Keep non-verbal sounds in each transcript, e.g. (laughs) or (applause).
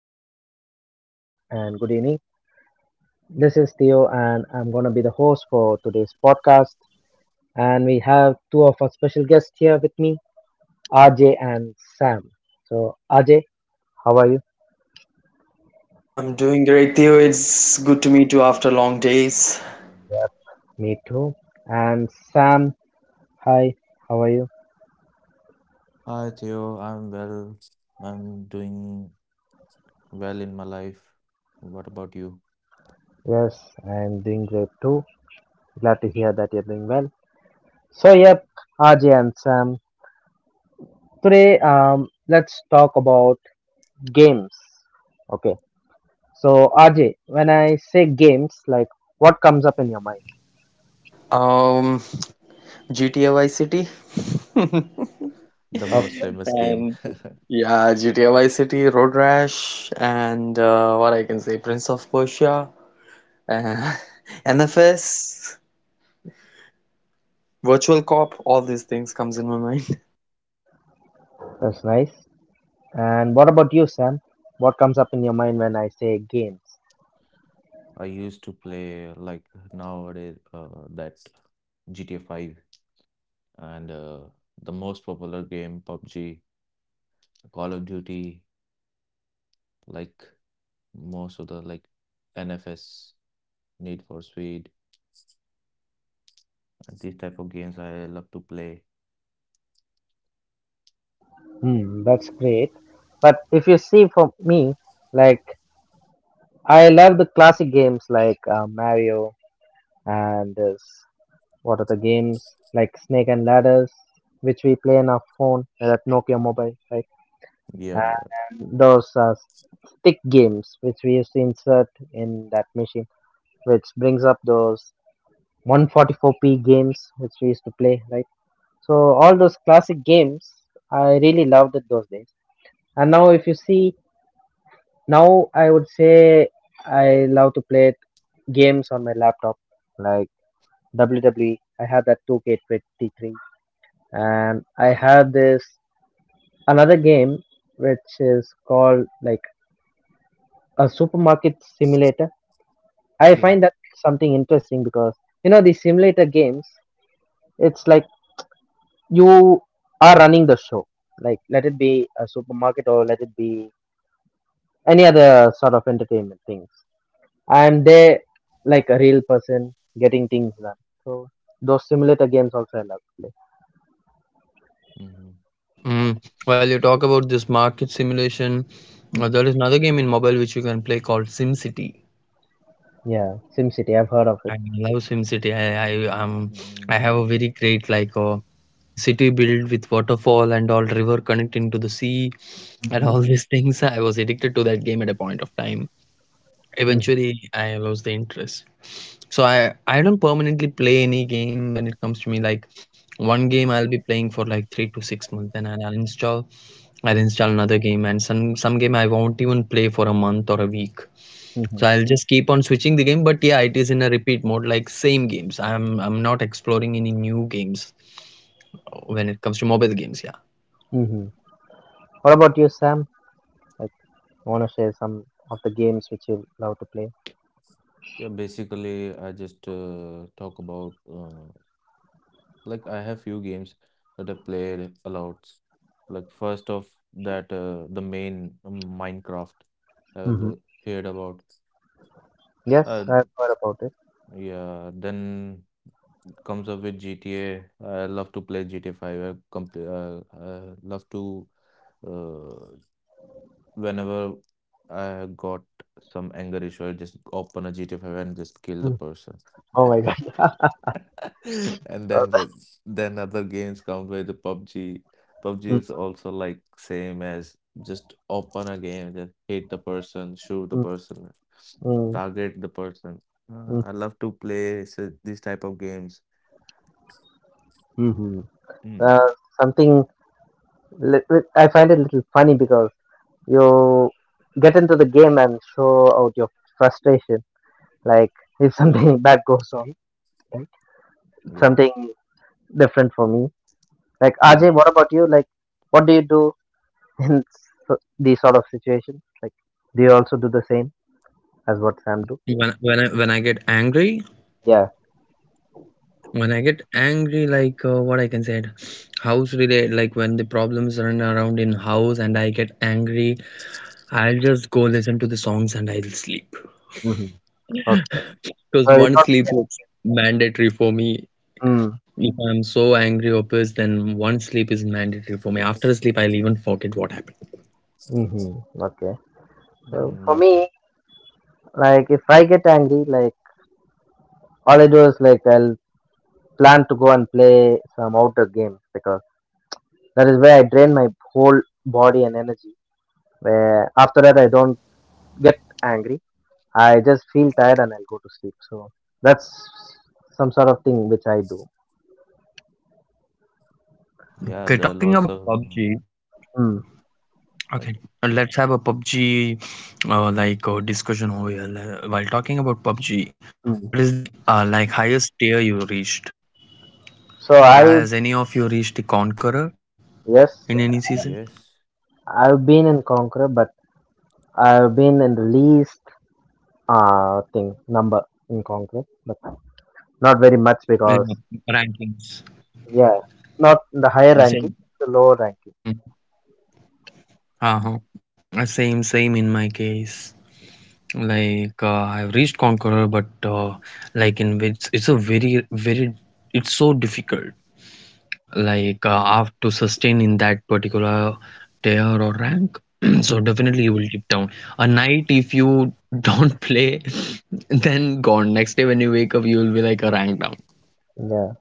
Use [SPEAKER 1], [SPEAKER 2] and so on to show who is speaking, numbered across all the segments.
[SPEAKER 1] morning, good afternoon, and good evening. This is Theo, and I'm going to be the host for today's podcast. And we have two of our special guests here with me, RJ and Sam. So, RJ, how are you?
[SPEAKER 2] I'm doing great, Theo. It's good to meet you after long days.
[SPEAKER 1] Me too. And Sam, hi, how are you?
[SPEAKER 3] Hi Theo, I'm well. I'm doing well in my life. What about you?
[SPEAKER 1] Yes, I'm doing great too. Glad to hear that you're doing well. So,
[SPEAKER 3] Yeah,
[SPEAKER 1] yep, RJ and Sam. Today, let's talk about games. Okay. So, RJ, when I say games, like what comes up in your mind?
[SPEAKER 2] Um, GTA Vice City. (laughs)
[SPEAKER 3] the most
[SPEAKER 1] Okay,
[SPEAKER 3] famous game
[SPEAKER 2] And yeah, GTA Vice City, Road Rash, and what I can say, Prince of Persia, and (laughs) NFS, Virtual Cop, all these things comes in my mind.
[SPEAKER 1] that's nice. And what about you, Sam? What comes up in your mind when I say games?
[SPEAKER 3] I used to play like nowadays that GTA 5 and the most popular game PUBG, Call of Duty, like most of the like NFS, Need for Speed, and these type of games I love to play.
[SPEAKER 1] Hmm, that's great. But if you see for me, like I love the classic games like Mario and this, what are the games like Snake and Ladders, which we play on our phone, that Nokia mobile, right?
[SPEAKER 3] Yeah, yeah.
[SPEAKER 1] And those stick games which we used to insert in that machine, which brings up those 144p games which we used to play, right? So all those classic games, I really loved it those days. And now, if you see, now I would say I love to play games on my laptop, like WWE. I have that 2K23, and I have this another game which is called like a supermarket simulator. I find
[SPEAKER 3] Yeah.
[SPEAKER 1] that something interesting because you know these simulator games. It's like you are running the show, like let it be a supermarket or let it be any other sort of entertainment things, and they like a real person getting things done. So those simulator games also I love to play.
[SPEAKER 3] Mm-hmm.
[SPEAKER 2] Mm. While you talk about this market simulation,
[SPEAKER 1] Mm.
[SPEAKER 2] there is another game in mobile which you can play called SimCity.
[SPEAKER 1] Yeah, SimCity, I've heard of
[SPEAKER 2] I
[SPEAKER 1] it.
[SPEAKER 2] love SimCity. I have a
[SPEAKER 3] Mm,
[SPEAKER 2] very great, like city built with waterfall and all river connecting to the sea, and
[SPEAKER 1] Hmm.
[SPEAKER 2] all (laughs) these things I was addicted to that game at a point of time.
[SPEAKER 1] Mm-hmm.
[SPEAKER 2] Eventually, I lost the interest. So I don't permanently play any game. When it comes to me, like, one game I'll be playing for like 3 to 6 months, then I'll install another game, and some game I won't even play for a month or a week. So
[SPEAKER 1] Mm-hmm.
[SPEAKER 2] I'll just keep on switching the game, but yeah, it is in a repeat mode, like same games I'm not exploring any new games when it comes to mobile games, yeah.
[SPEAKER 1] Mm-hmm. What about you, Sam? Like, I want to share some of the games which you love to play.
[SPEAKER 3] yeah, basically, I just talk about. Like I have few games that I played a lot. Like first off that the main Minecraft I've
[SPEAKER 1] Mm-hmm.
[SPEAKER 3] l- heard about.
[SPEAKER 1] Yes,
[SPEAKER 3] Uh,
[SPEAKER 1] I've heard about it.
[SPEAKER 3] yeah, then comes up with GTA. I love to play GTA 5. I complete. I love to uh, whenever I got some anger issue, I just open a GTA 5 and just kill the
[SPEAKER 1] Mm.
[SPEAKER 3] person.
[SPEAKER 1] Oh my god. (laughs)
[SPEAKER 3] (laughs) And then with then other games come with the PUBG. PUBG
[SPEAKER 1] Mm,
[SPEAKER 3] is also like same as just open a game, just hit the person, shoot the
[SPEAKER 1] mm,
[SPEAKER 3] person,
[SPEAKER 1] mm,
[SPEAKER 3] target the person.
[SPEAKER 1] mm.
[SPEAKER 3] I love to play so these type of games.
[SPEAKER 1] Hmm. Uh,
[SPEAKER 3] Mm,
[SPEAKER 1] something I find it a little funny because you get into the game and show out your frustration. Like if something (laughs) bad goes on, right?
[SPEAKER 3] yeah.
[SPEAKER 1] Something different for me. Like RJ,
[SPEAKER 3] Hmm.
[SPEAKER 1] what about you? Like what do you do (laughs) in these sort of situations? Like do you also do the same as what Sam do?
[SPEAKER 2] When I get angry,
[SPEAKER 1] Yeah.
[SPEAKER 2] like, what I can say, house related, like when the problems run around in house and I get angry, I'll just go listen to the songs and I'll sleep.
[SPEAKER 1] Hmm. Okay. So you
[SPEAKER 2] Because
[SPEAKER 1] don't.
[SPEAKER 2] one sleep is mandatory for me.
[SPEAKER 1] Mm.
[SPEAKER 2] If I'm so angry or pissed, then one sleep is mandatory for me. After a sleep, I'll even forget what happened.
[SPEAKER 1] Mm-hmm. Okay. So
[SPEAKER 3] Mm,
[SPEAKER 1] for
[SPEAKER 3] but
[SPEAKER 1] me, like if I get angry, like all I do is like I'll plan to go and play some outdoor games because that is where I drain my whole body and energy. Where after that I don't get angry. I just feel tired and I'll go to sleep. So that's some sort of thing which I do.
[SPEAKER 3] yeah,
[SPEAKER 2] Okay,
[SPEAKER 3] there are
[SPEAKER 2] talking
[SPEAKER 3] lots
[SPEAKER 2] about
[SPEAKER 3] of
[SPEAKER 2] PUBG.
[SPEAKER 1] Mm.
[SPEAKER 3] yeah,
[SPEAKER 2] Okay, and let's have a PUBG like discussion over here. While talking about PUBG,
[SPEAKER 1] Mm.
[SPEAKER 2] what is the like highest tier you reached?
[SPEAKER 1] So I
[SPEAKER 2] Has any of you reached the Conqueror in
[SPEAKER 1] Yes,
[SPEAKER 2] any season?
[SPEAKER 3] yes.
[SPEAKER 1] I've been in Conqueror, but I've been in the least thing number in Conqueror, but not very much because
[SPEAKER 2] Yeah, rankings.
[SPEAKER 1] yeah, not in the higher
[SPEAKER 2] The
[SPEAKER 1] ranking,
[SPEAKER 2] same.
[SPEAKER 1] the lower ranking.
[SPEAKER 2] Mm. Uh-huh. Same, same in my case. Like I've reached Conqueror, but like in which it's a very, very, it's so difficult. Like have to sustain in that particular tier or rank. (clears throat) So definitely you will dip down a night. If you don't (laughs) play, then gone, next day when you wake up you will be like a rank down,
[SPEAKER 1] Hmm. Yeah,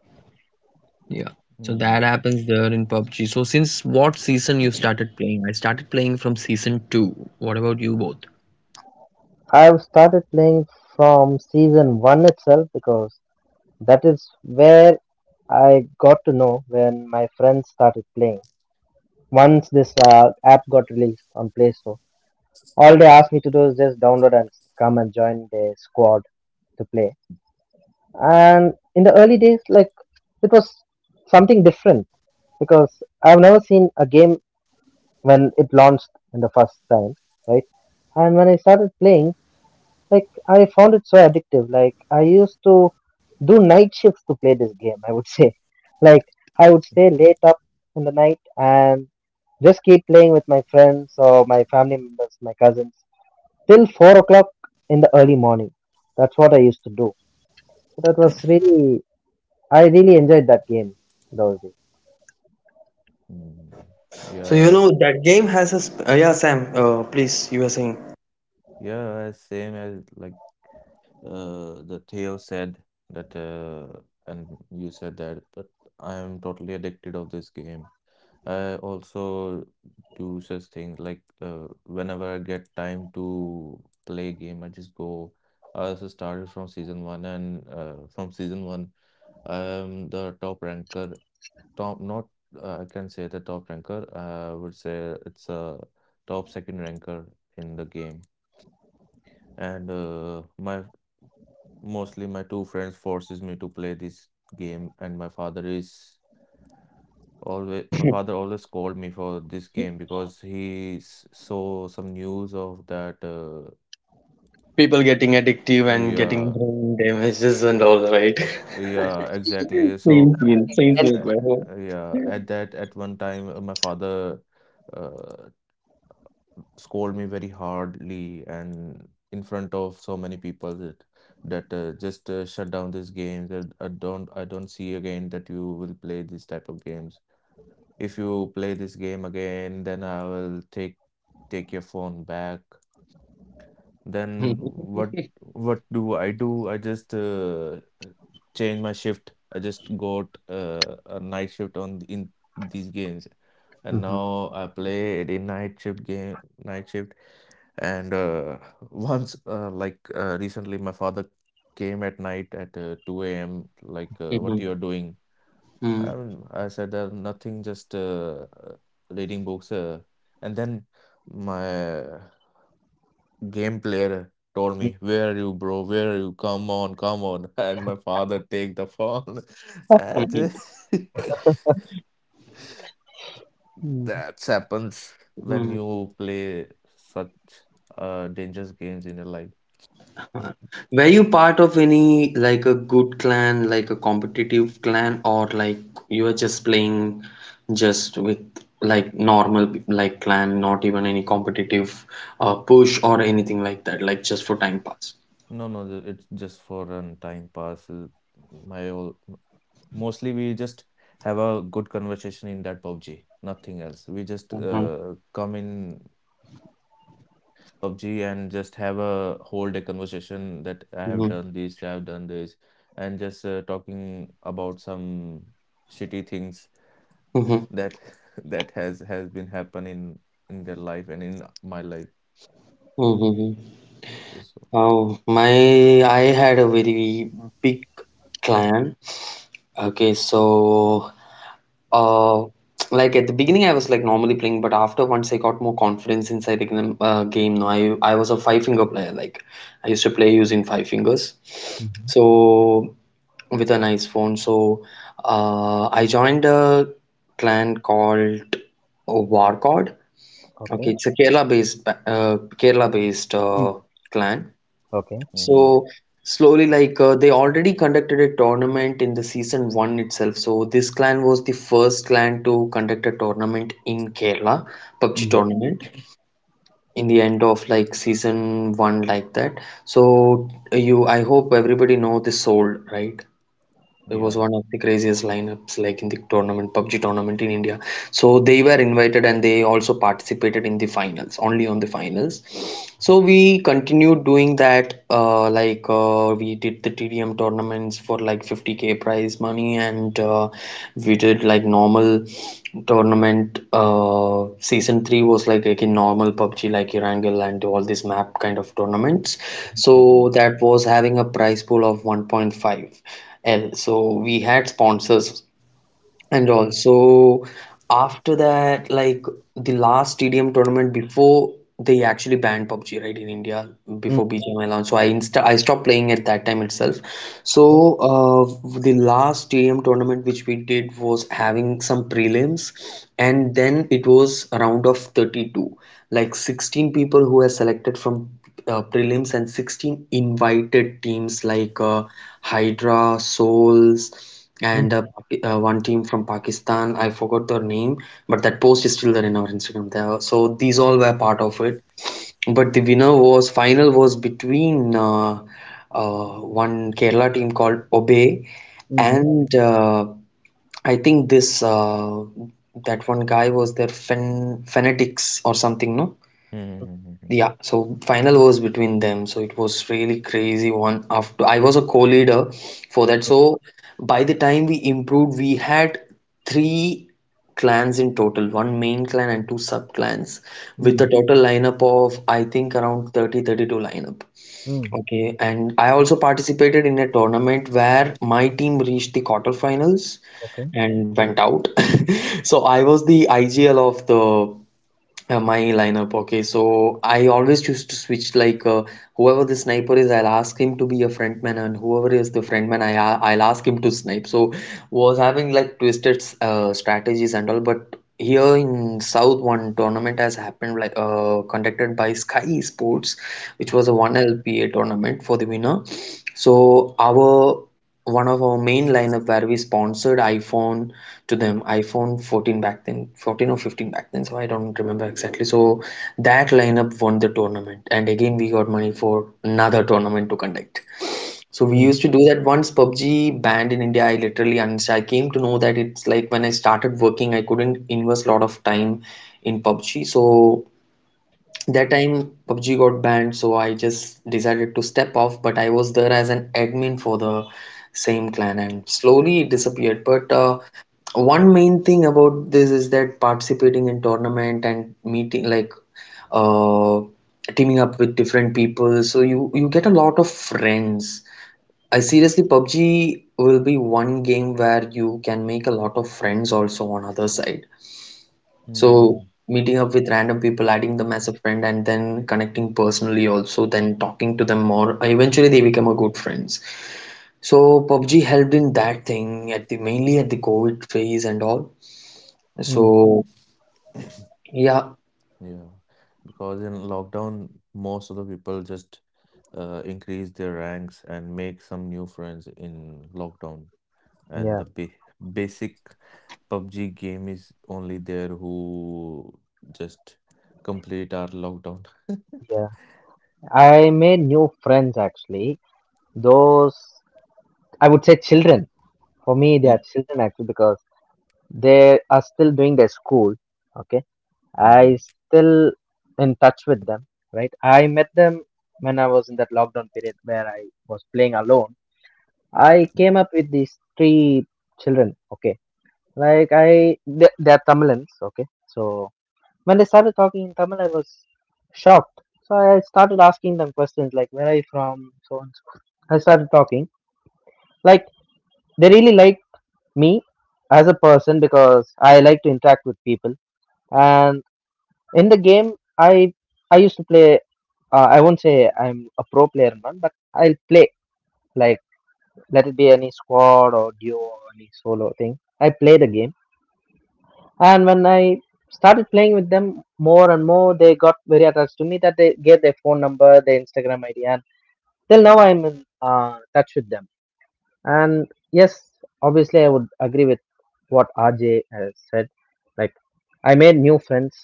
[SPEAKER 2] yeah. So that
[SPEAKER 3] Mm,
[SPEAKER 2] happens there in PUBG. So since what season you started playing? I started playing from season 2. What about you both?
[SPEAKER 1] I've started playing from season one itself because that is where I got to know when my friends started playing. Once this app got released on Play Store, all they asked me to do is just download and come and join the squad to play. And in the early days, like it was something different because I've never seen a game when it launched in the first time, right? And when I started playing, like I found it so addictive. Like I used to do night shifts to play this game, I would say. (laughs) Like I would stay late up in the night and just keep playing with my friends or my family members, my cousins, till 4 o'clock in the early morning. That's what I used to do. So that was really, I really enjoyed that game those days.
[SPEAKER 3] mm,
[SPEAKER 2] So you
[SPEAKER 3] yeah.
[SPEAKER 2] know that game has a yeah, Sam, please, you were saying.
[SPEAKER 3] Yeah, as same as like the Theo said that, uh, and you said that, but I am totally addicted of this game. I also do such things like whenever I get time to play game, I just go. I also started from season one, and from season one, I am the top ranker. Top, not. I can say the top ranker. I would say it's a top second ranker in the game, and my mostly my two friends forces me to play this game and my father is always my
[SPEAKER 2] (laughs)
[SPEAKER 3] father always called me for this game because he saw some news of that
[SPEAKER 2] People getting addictive and getting
[SPEAKER 3] yeah
[SPEAKER 2] brain damages and all,
[SPEAKER 3] uh,
[SPEAKER 2] right?
[SPEAKER 3] yeah
[SPEAKER 2] (laughs)
[SPEAKER 3] exactly so uh,
[SPEAKER 2] Same
[SPEAKER 1] And
[SPEAKER 2] field,
[SPEAKER 3] uh,
[SPEAKER 2] bro.
[SPEAKER 3] yeah at that at one time my father uh, scold me very hardly and in front of so many people that just shut down this game that I don't see again that you will play this type of games. If you play this game again, then I will take your phone back. Then
[SPEAKER 2] Mhm,
[SPEAKER 3] What do? I just change my shift. I just got a night shift on in these games, and
[SPEAKER 1] Mhm.
[SPEAKER 3] now I play a night shift game night shift and (laughs) once, recently, my father came at night at 2 a.m. Like, what you are
[SPEAKER 2] mhm,
[SPEAKER 3] doing? I
[SPEAKER 2] mhm,
[SPEAKER 3] mean, I said nothing, just reading books. And then my game player told
[SPEAKER 1] Mm.
[SPEAKER 3] me, "Where are you, bro? Where are you? Come on, come on!" (laughs) And my father take the phone. (laughs) And
[SPEAKER 2] mhm,
[SPEAKER 3] (laughs)
[SPEAKER 1] Mm.
[SPEAKER 3] that happens when
[SPEAKER 2] mhm.
[SPEAKER 3] you play such dangerous games in your life.
[SPEAKER 1] Mm.
[SPEAKER 2] Were you part of any like a good clan, like a competitive clan, or like you were just playing just with like normal like clan, not even any competitive push or anything like that, like just for time pass?
[SPEAKER 3] No, no, it's just for an time pass. My all mostly we just have a good conversation in that PUBG, nothing else. We just
[SPEAKER 2] Mm-hmm.
[SPEAKER 3] come in PUBG and just have a whole day conversation that I have
[SPEAKER 2] Mm-hmm.
[SPEAKER 3] done this, I have done this, and just talking about some shitty things
[SPEAKER 2] Mm-hmm.
[SPEAKER 3] that (laughs) that has been happening in their life and in my life.
[SPEAKER 2] Mm-hmm.
[SPEAKER 3] So,
[SPEAKER 2] Oh, my, I had a very big clan. Okay, so uh like at the beginning I was like normally playing, but after once I got more confidence inside the game, now I was a five finger player. Like I used to play using five fingers.
[SPEAKER 1] Mhm.
[SPEAKER 2] So with a nice phone. So I joined a clan called Warcod. Okay,
[SPEAKER 1] Okay.
[SPEAKER 2] it's a Kerala based uh Kerala based
[SPEAKER 1] Mm.
[SPEAKER 2] uh clan.
[SPEAKER 1] Okay.
[SPEAKER 3] mhm,
[SPEAKER 2] So slowly, like they already conducted a tournament in the season one itself. So this clan was the first clan to conduct a tournament in Kerala, PUBG
[SPEAKER 1] Mm.
[SPEAKER 2] tournament, in the end of like season one, like that. I hope everybody know the soul, right? It was
[SPEAKER 3] yeah.
[SPEAKER 2] one of the craziest lineups like in the tournament, PUBG tournament in India. So they were invited and they also participated in the finals, only on the finals. So we continued doing that, like we did the TDM tournaments for like 50k prize money, and we did like normal tournament. Season three was like again normal PUBG, like Erangel and all these map kind of tournaments. So
[SPEAKER 3] Hmm.
[SPEAKER 2] that was having a prize pool of 1.5, and so we had sponsors. And also after that, like the last TDM tournament before they actually banned PUBG, right, in India
[SPEAKER 1] Mm.
[SPEAKER 2] before BGMI launched. So I stopped playing at that time itself. So the last TDM tournament which we did was having some prelims, and then it was a round of 32, like 16 people who were selected from prelims and 16 invited teams like Hydra, Souls, and
[SPEAKER 1] Mm.
[SPEAKER 2] uh, Paki- uh, one team from Pakistan. I forgot their name, but that post is still there in our Instagram. There, so these all were part of it. But the winner was final was between one Kerala team called Obey,
[SPEAKER 1] Mhm.
[SPEAKER 2] and I think this that one guy was their Fen Fanatics or something, no?
[SPEAKER 3] Hmm.
[SPEAKER 2] Yeah, so final was between them, so it was really crazy one. After, I was a co-leader for that. So by the time we improved, we had three clans in total, one main clan and two sub clans, with a
[SPEAKER 1] Mm.
[SPEAKER 2] total lineup of I think around 30, 32 lineup.
[SPEAKER 1] Mm.
[SPEAKER 2] Okay, and I also participated in a tournament where my team reached the quarterfinals
[SPEAKER 1] Okay.
[SPEAKER 2] and went out. (laughs) So I was the IGL of the my lineup. Okay, so I always choose to switch, like whoever the sniper is, I'll ask him to be a frontman, and whoever is the frontman, I'll ask him to snipe. So was having like twisted strategies and all, but. Here in South, one tournament has happened, like conducted by Sky Sports, which was a
[SPEAKER 1] Okay.
[SPEAKER 2] 1LPA tournament for the winner. So our one of our main lineup where we sponsored iPhone to them, iPhone 14 back then, 14 or 15 back then, so I don't remember exactly. So that lineup won the tournament, and again we got money for another tournament to conduct. So we
[SPEAKER 1] Mm.
[SPEAKER 2] used to do that. Once PUBG banned in India, I literally uninstalled. I came to know that it's like when I started working, I couldn't invest a lot of time in PUBG. So that time PUBG got banned, so I just decided to step off, but I was there as an admin for the same clan and slowly it disappeared. But one main thing about this is that participating in tournament and meeting, like uh, teaming up with different people, so you get a lot of friends. I seriously, PUBG will be one game where you can make a lot of friends also on other side. So
[SPEAKER 3] Hmm.
[SPEAKER 2] meeting up with random people, adding them as a friend, and then connecting personally also, then talking to them more. Eventually, they become a good friends. So PUBG helped in that thing at the, mainly at the COVID phase and all.
[SPEAKER 1] Mm.
[SPEAKER 2] So yeah.
[SPEAKER 3] Yeah, because in lockdown, most of the people just increase their ranks and make some new friends in lockdown. And
[SPEAKER 1] Yeah.
[SPEAKER 3] the ba basic PUBG game is only there who just complete our lockdown.
[SPEAKER 1] Yeah. I made new friends actually. Those I would say children. For me, they
[SPEAKER 3] (laughs)
[SPEAKER 1] are children actually because they are still doing their school. Okay, I
[SPEAKER 3] Hmm.
[SPEAKER 1] still in touch with them. Right, I met them when I was in that lockdown period where I was playing alone. I came up with these three children. Okay, like I they are Tamilans. Okay, so when they started talking in Tamil, I was shocked. So I started asking them questions like, where are you from? So on and so forth. I started talking. Like, they really liked me as a person because I like to interact with people. And in the game, I I used to play. I won't say I'm a pro player, man, but I'll play like let it be any squad or duo or any solo thing. I play the game. And when I started playing with them more and more, they got very attached to me that they gave their phone number, their Instagram ID, and till now I'm in touch with them. And yes, obviously, I would agree with what RJ has said. Like, I made new friends,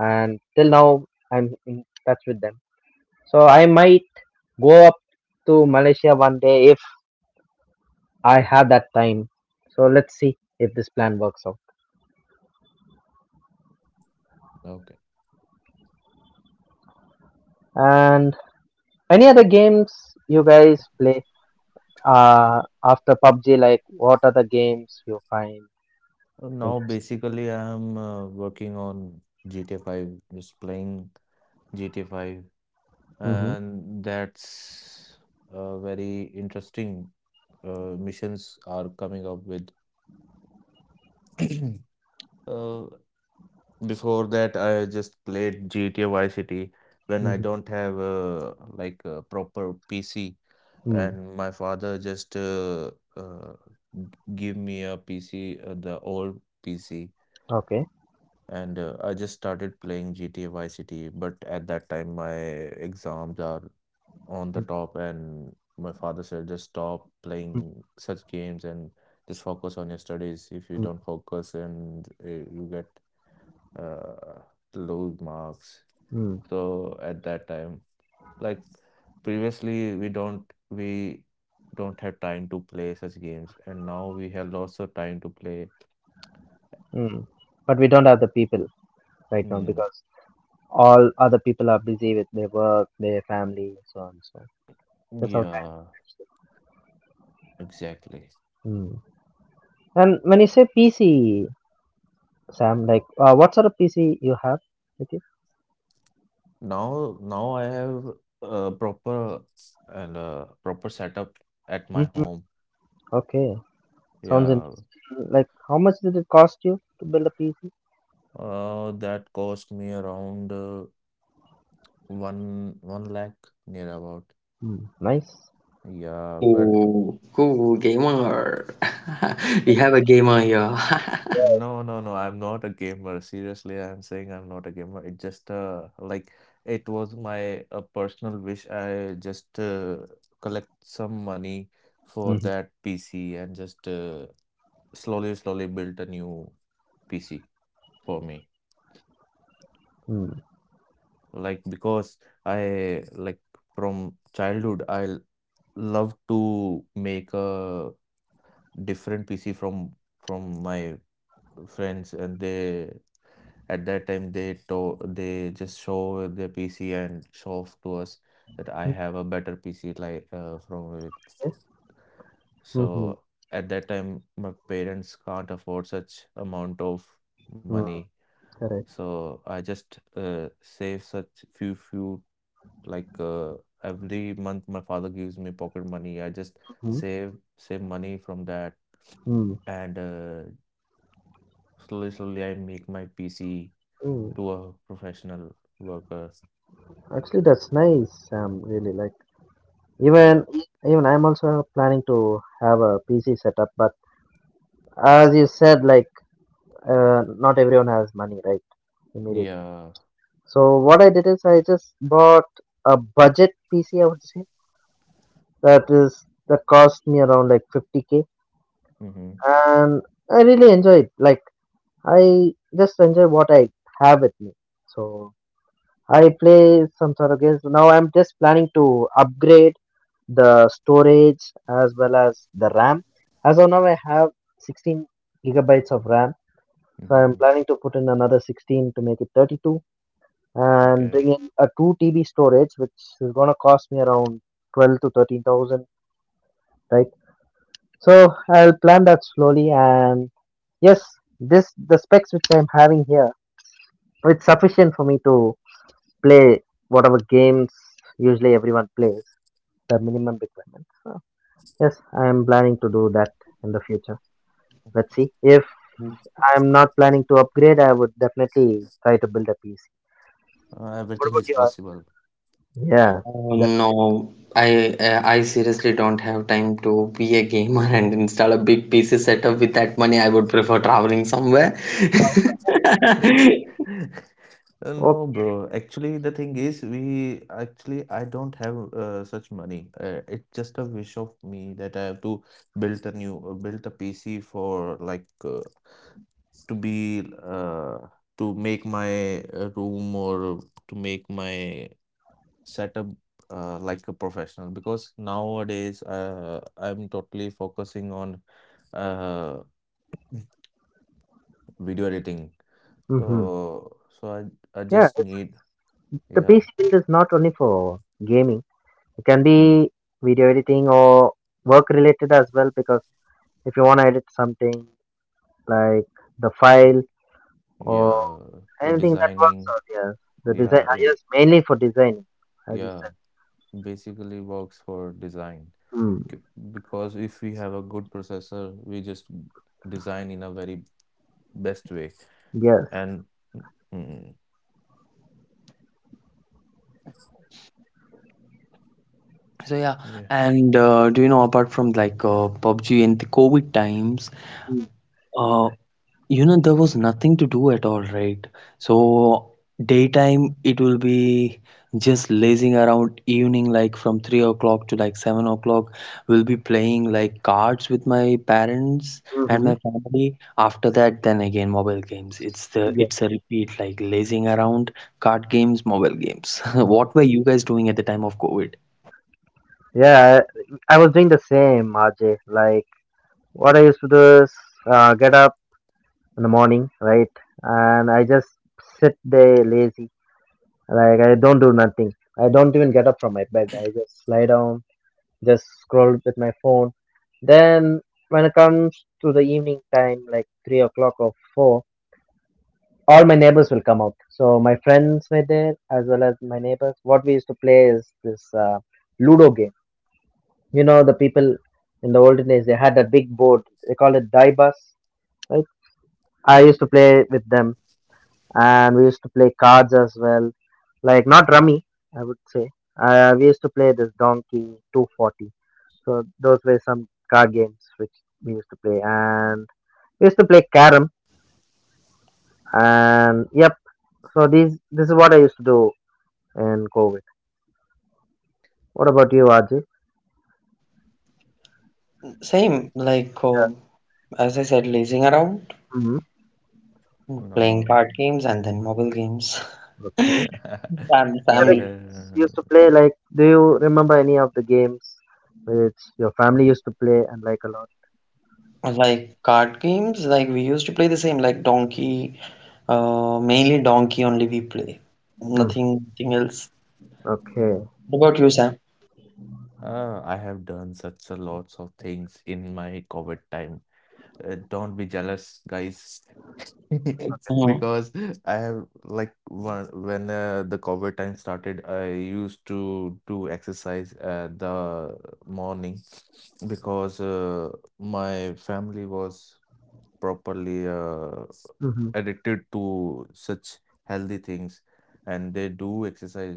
[SPEAKER 1] and till now I'm in touch with them. So I might go up to Malaysia one day if I have that time. So let's see if this plan works out.
[SPEAKER 3] Okay.
[SPEAKER 1] And any other games you guys play? After PUBG, like what are the games you find
[SPEAKER 3] Now,
[SPEAKER 1] interesting?
[SPEAKER 3] basically, I'm working on GTA 5, just playing GTA 5.
[SPEAKER 1] Mm-hmm.
[SPEAKER 3] And that's very interesting. Missions are coming up with. (clears throat) uh, Before that, I just played GTA Vice City when I
[SPEAKER 1] Mm-hmm.
[SPEAKER 3] don't have like a proper PC,
[SPEAKER 1] Mm.
[SPEAKER 3] and my father just g- give me a PC, the old PC.
[SPEAKER 1] Okay.
[SPEAKER 3] And I just started playing GTA Vice City, but at that time my exams are on the
[SPEAKER 1] Mm,
[SPEAKER 3] top, and my father said, just stop
[SPEAKER 1] mm,
[SPEAKER 3] playing such games and just focus on your studies. If you
[SPEAKER 1] mm,
[SPEAKER 3] don't focus, and you get uh, low marks.
[SPEAKER 1] mm.
[SPEAKER 3] So at that time, like previously, we don't have time to play such games, and now we have lots of time to play.
[SPEAKER 1] Mm. But we don't have the people right now
[SPEAKER 3] Mm,
[SPEAKER 1] because all other people are busy with their work, their family, so on and so on. That's how time
[SPEAKER 3] yeah, exactly.
[SPEAKER 1] is. Mm. And when you say PC, Sam, like what sort of PC you have with you?
[SPEAKER 3] Now I have a proper a proper setup at
[SPEAKER 1] Mm,
[SPEAKER 3] my
[SPEAKER 1] mm.
[SPEAKER 3] home.
[SPEAKER 1] Okay, sounds
[SPEAKER 3] Yeah,
[SPEAKER 1] interesting. Like how much did it cost you to build a PC?
[SPEAKER 3] that cost me around one lakh near about.
[SPEAKER 1] Mm. Nice.
[SPEAKER 3] Yeah, but
[SPEAKER 2] Oh, cool gamer. (laughs) We have a
[SPEAKER 3] uh,
[SPEAKER 2] gamer here.
[SPEAKER 3] no, no, no. I'm not a gamer. Seriously, I'm saying I'm not a gamer. It just like it was my personal wish. I just collect some money for
[SPEAKER 1] Mhm.
[SPEAKER 3] that PC and just slowly, slowly built a new PC for me.
[SPEAKER 1] Mm.
[SPEAKER 3] Like because I like from childhood I love to make a different PC from my friends and they at that time they just show their PC and show off to us that I have a better PC like from it.
[SPEAKER 1] Mhm.
[SPEAKER 3] So at that time my parents can't afford such amount of
[SPEAKER 1] Mm,
[SPEAKER 3] money.
[SPEAKER 1] correct.
[SPEAKER 3] So I just save such few few Like every month, my father gives me pocket money. I just
[SPEAKER 1] Mhm.
[SPEAKER 3] save money from that,
[SPEAKER 1] Mm.
[SPEAKER 3] and slowly, slowly, I make my PC
[SPEAKER 1] Mm.
[SPEAKER 3] to a professional worker.
[SPEAKER 1] Actually, that's nice, Sam. Really, like even
[SPEAKER 3] Yeah,
[SPEAKER 1] even I'm also planning to have a PC setup, but as you said, like not everyone has money, right? Immediately.
[SPEAKER 3] yeah.
[SPEAKER 1] So what I did is I just bought a budget PC. I would say that is that cost me around like 50k,
[SPEAKER 3] Mm-hmm.
[SPEAKER 1] and I really enjoy it. Like I just enjoy what I have with me. So I play some sort of games. Now I'm just planning to upgrade the storage as well as the RAM. As of now, I have 16 gigabytes of RAM. So
[SPEAKER 3] Mm-hmm.
[SPEAKER 1] I'm
[SPEAKER 3] Mm-hmm.
[SPEAKER 1] planning to put in another 16 to make it 32 and
[SPEAKER 3] Okay.
[SPEAKER 1] bring in a 2 TB storage, which is going to cost me around 12 to 13,000, right? So I'll plan that slowly. And yes, this the specs which I'm having here, it's sufficient for me to play whatever games usually everyone plays, the minimum requirements. So, yes, I am planning to do that in the future. Let's see. If
[SPEAKER 2] (laughs)
[SPEAKER 1] I am not planning to upgrade, I would definitely try to build a PC. What
[SPEAKER 3] Everything
[SPEAKER 1] about
[SPEAKER 3] is
[SPEAKER 1] you?
[SPEAKER 3] possible.
[SPEAKER 1] Yeah, that.
[SPEAKER 2] No, I seriously don't have time to be a gamer (laughs) and install a big PC setup. With that money, I would prefer traveling somewhere. (laughs)
[SPEAKER 3] (laughs)
[SPEAKER 1] Oh,
[SPEAKER 3] No, bro. Actually, the thing is, we actually I don't have such money. It's just a wish of me that I have to build a PC for like to be uh, to make my room or to make my setup like a professional because nowadays I'm totally focusing on uh, video editing.
[SPEAKER 1] hmm,
[SPEAKER 3] So I
[SPEAKER 1] yeah.
[SPEAKER 3] just need
[SPEAKER 1] The PC
[SPEAKER 3] yeah
[SPEAKER 1] build is not only for gaming. It can
[SPEAKER 3] mm,
[SPEAKER 1] be video editing or work related as well. Because if you want to edit something like the file or
[SPEAKER 3] yeah for
[SPEAKER 1] anything that works
[SPEAKER 3] designing
[SPEAKER 1] out, yeah. The design,
[SPEAKER 3] yeah it,
[SPEAKER 1] yes, mainly for designing, as you
[SPEAKER 3] yeah
[SPEAKER 1] said.
[SPEAKER 3] basically works for design
[SPEAKER 1] Hmm.
[SPEAKER 3] K- because if we have a good processor we just design in a very best way.
[SPEAKER 1] Yes.
[SPEAKER 3] And mm, mm,
[SPEAKER 2] So yeah,
[SPEAKER 3] yeah,
[SPEAKER 2] and do you know, apart from like PUBG in the COVID times,
[SPEAKER 1] Hmm.
[SPEAKER 2] uh, you know there was nothing to do at all, right? So daytime it will be just lazing around, evening like from 3 o'clock to like 7 o'clock we'll be playing like cards with my parents and
[SPEAKER 1] Mm-hmm.
[SPEAKER 2] my family. After that, then again mobile games.
[SPEAKER 1] Yeah.
[SPEAKER 2] It's a repeat, like lazing around, card games, mobile games. (laughs) What were you guys doing at the time of COVID?
[SPEAKER 1] Yeah, I was doing the same, RJ. Like, what I used to do is get up in the morning, right? And I just sit there lazy. Like, I don't do nothing. I don't even get up from my bed. I just lie down, just scroll with my phone. Then, when it comes to the evening time, like 3 o'clock or 4, all my neighbors will come out. So, my friends were there as well as my neighbors. What we used to play is this Ludo game. You know, the people in the olden days, they had that big board. They called it die bus, right? I used to play with them and we used to play cards as well. Like, not rummy, I would say. We used to play this Donkey 240. So those were some card games which we used to play. And we used to play carom. And yep, so these this is what I used to do in COVID. What about you, Ajay?
[SPEAKER 2] Same, like
[SPEAKER 1] Yeah.
[SPEAKER 2] as I said, lazing around,
[SPEAKER 1] Mhm.
[SPEAKER 2] playing
[SPEAKER 3] no.
[SPEAKER 2] card games, and then mobile games.
[SPEAKER 1] Okay.
[SPEAKER 2] (laughs)
[SPEAKER 3] (laughs)
[SPEAKER 1] Other
[SPEAKER 2] Family.
[SPEAKER 1] games you used to
[SPEAKER 3] Well,
[SPEAKER 1] play? Like, do you remember any of the games which your family used to play and like a lot?
[SPEAKER 2] Like card games, like we used to play the same, like Donkey, mainly Donkey only we play.
[SPEAKER 1] Mm,
[SPEAKER 2] Nothing, nothing else.
[SPEAKER 1] okay.
[SPEAKER 2] What about you, Sam?
[SPEAKER 3] I have done such a lots of things in my COVID time. Don't be jealous, guys, (laughs)
[SPEAKER 2] Mm-hmm.
[SPEAKER 3] because I have like one when the COVID time started, I used to do exercise at the morning because my family was properly
[SPEAKER 1] Mm-hmm.
[SPEAKER 3] addicted to such healthy things and they do exercise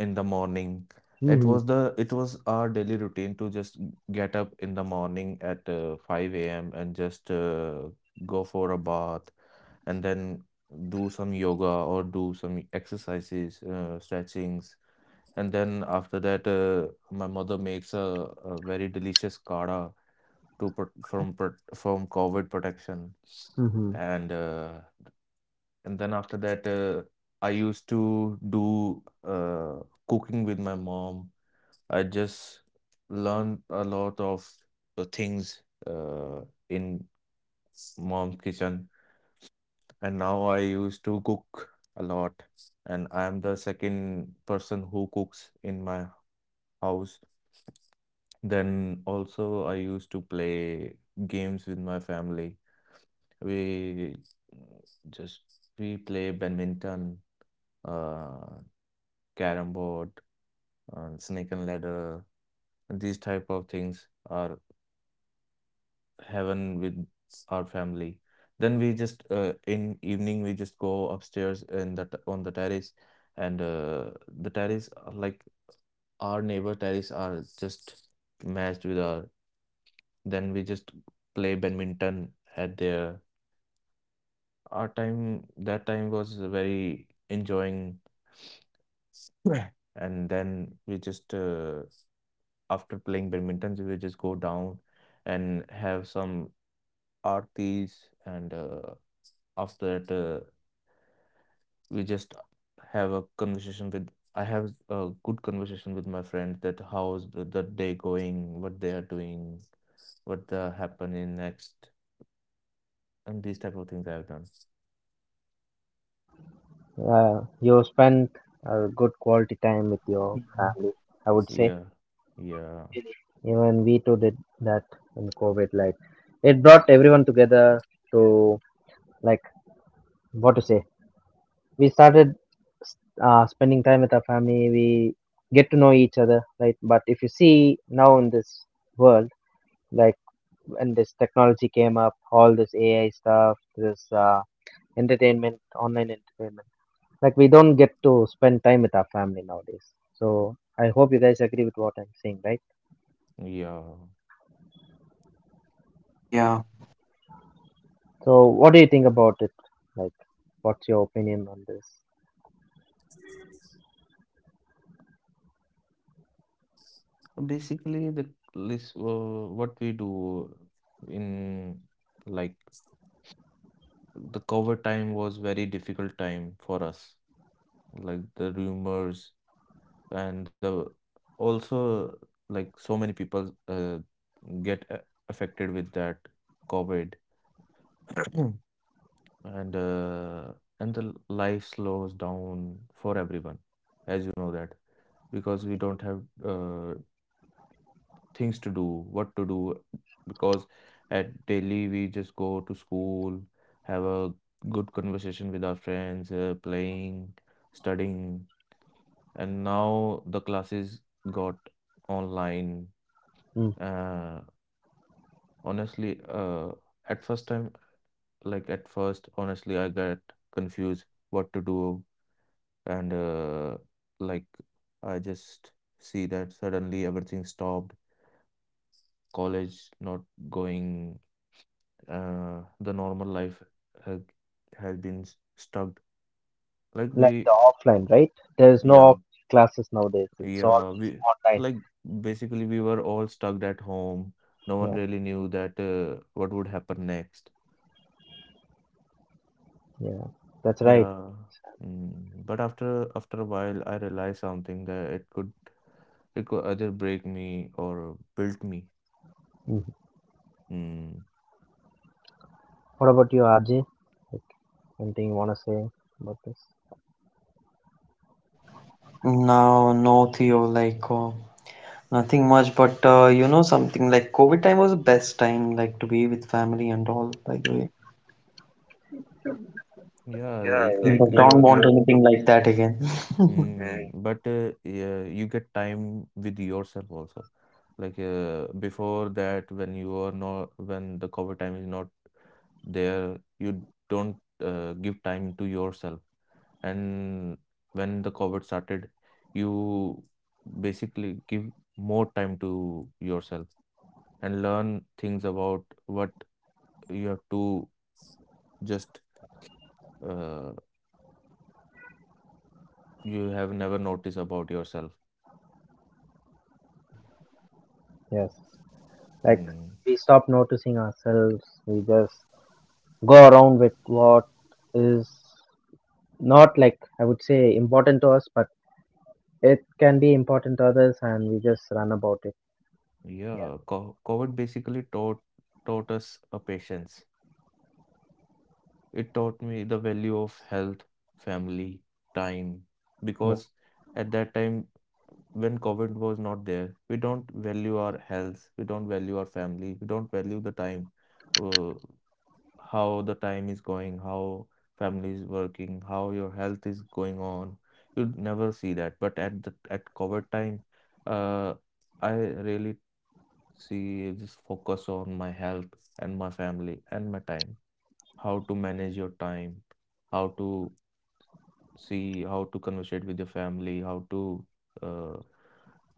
[SPEAKER 3] in the morning. It
[SPEAKER 1] Mm-hmm.
[SPEAKER 3] was the it was our daily routine to just get up in the morning at 5 a.m. and just go for a bath and then do some yoga or do some exercises, stretchings. And then after that, my mother makes a very delicious kada to put from COVID protection.
[SPEAKER 1] Mm-hmm.
[SPEAKER 3] And uh, and then after that, I used to do cooking with my mom. I just learned a lot of things in mom's kitchen, and now I used to cook a lot. And I am the second person who cooks in my house. Then also, I used to play games with my family. We just we play badminton, uh, carrom board, snake and ladder, and these type of things are heaven with our family. Then we just in evening we just go upstairs in on the terrace, and the terrace like our neighbor terrace are just matched with our. Then we just play badminton at there. Our time, that time was very enjoying. (sniffs) Right. And then we just, after playing badminton, we will just go down and have some aartis. And After that, we just have a conversation with, I have a good conversation with my friends that the day going, what they are doing, what the happening next, and these type of things I've done.
[SPEAKER 1] Yeah, you spent a good quality time with your family, I would say.
[SPEAKER 3] Yeah, yeah,
[SPEAKER 1] Even we too did that in COVID. Like, it brought everyone together to, like, what to say. We started spending time with our family. We get to know each other, right? But if you see now in this world, like when this technology came up, all this AI stuff, this entertainment, online entertainment. Like we don't get to spend time with our family nowadays. So I hope you guys agree with what I'm saying, right?
[SPEAKER 3] yeah.
[SPEAKER 2] Yeah.
[SPEAKER 1] So what do you think about it? Like, what's your opinion on this?
[SPEAKER 3] Basically, the list, what we do in like the cover time was very difficult time for us. Like the rumors and the also like so many people get a- affected with that COVID, (coughs) (clears throat) and uh, and the life slows down for everyone, as you know that because we don't have things to do, what to do, because at daily we just go to school, have a good conversation with our friends, playing, studying, and now the classes got online.
[SPEAKER 1] Mm.
[SPEAKER 3] Uh, Honestly, at first time, like at first, honestly, I got confused what to do, and like I just see that suddenly everything stopped, college not going the normal life has, has been stuck. Like
[SPEAKER 1] Like
[SPEAKER 3] we,
[SPEAKER 1] the offline, right? There is no
[SPEAKER 3] yeah,
[SPEAKER 1] offline classes nowadays. It's all
[SPEAKER 3] yeah, we
[SPEAKER 1] online.
[SPEAKER 3] like basically we were all stuck at home. No one
[SPEAKER 1] Yeah,
[SPEAKER 3] really knew that what would happen next.
[SPEAKER 1] yeah, that's right.
[SPEAKER 3] Yeah. Mm. But after a while, I realized something that it could either break me or build me.
[SPEAKER 1] Mhm.
[SPEAKER 3] Mm.
[SPEAKER 1] What about you, Ajay? Like, anything you wanna say about this?
[SPEAKER 2] No, no, Theo, like nothing much, but you know something, like COVID time was the best time, like to be with family and all, by the way.
[SPEAKER 3] Yeah,
[SPEAKER 2] Yeah, but
[SPEAKER 3] like
[SPEAKER 2] like don't
[SPEAKER 3] you
[SPEAKER 2] want
[SPEAKER 3] you
[SPEAKER 2] anything like that again.
[SPEAKER 3] mm, but yeah, you get time with yourself also. Like before that, when the COVID time is not there, you don't give time to yourself. And when the COVID started, you basically give more time to yourself and learn things about what you have to just uh, you have never noticed about yourself.
[SPEAKER 2] (laughs) Yeah.
[SPEAKER 1] Yes. Like
[SPEAKER 3] Mm.
[SPEAKER 1] we stop noticing ourselves. We just go around with what is not like I would say important to us, but it can be important to others, and we just run about it.
[SPEAKER 3] Yeah, co COVID basically taught us a patience. It taught me the value of health, family, time,
[SPEAKER 1] Yeah,
[SPEAKER 3] because at that time when COVID was not there, we don't value our health, we don't value our family, we don't value the time, uh, how the time is going, how family is working, how your health is going on. You'd never see that. But at the at COVID time, uh, I really see, just focus on my health and my family and my time. How to manage your time, how to see, how to conversate with your family, how to uh,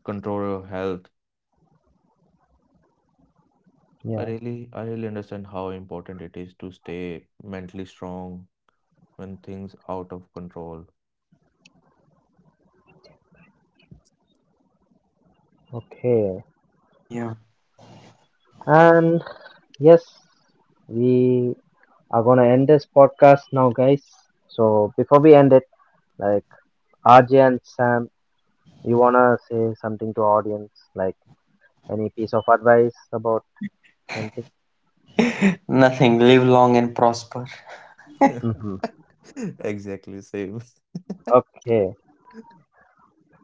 [SPEAKER 3] control your health.
[SPEAKER 1] yeah.
[SPEAKER 3] I really understand how important it is to stay mentally strong when things out of control.
[SPEAKER 1] Okay.
[SPEAKER 2] Yeah.
[SPEAKER 1] And yes, we are gonna end this podcast now, guys. So before we end it, like RJ and Sam, you wanna say something to audience, like any piece of advice about something?
[SPEAKER 2] (laughs) Nothing. Live long and prosper.
[SPEAKER 1] Mm-hmm.
[SPEAKER 3] (laughs) Exactly same. (laughs)
[SPEAKER 1] Okay.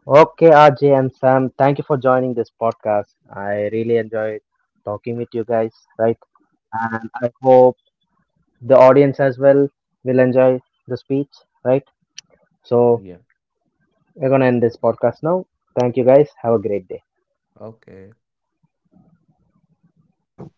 [SPEAKER 1] Okay, RJ and Sam, thank you for joining this podcast. I really enjoyed talking with you guys, right? And I hope the audience as well will enjoy the speech, right? So,
[SPEAKER 3] Yeah,
[SPEAKER 1] we're gonna end this podcast now. Thank you guys. Have a great day.
[SPEAKER 3] okay.
[SPEAKER 2] You too.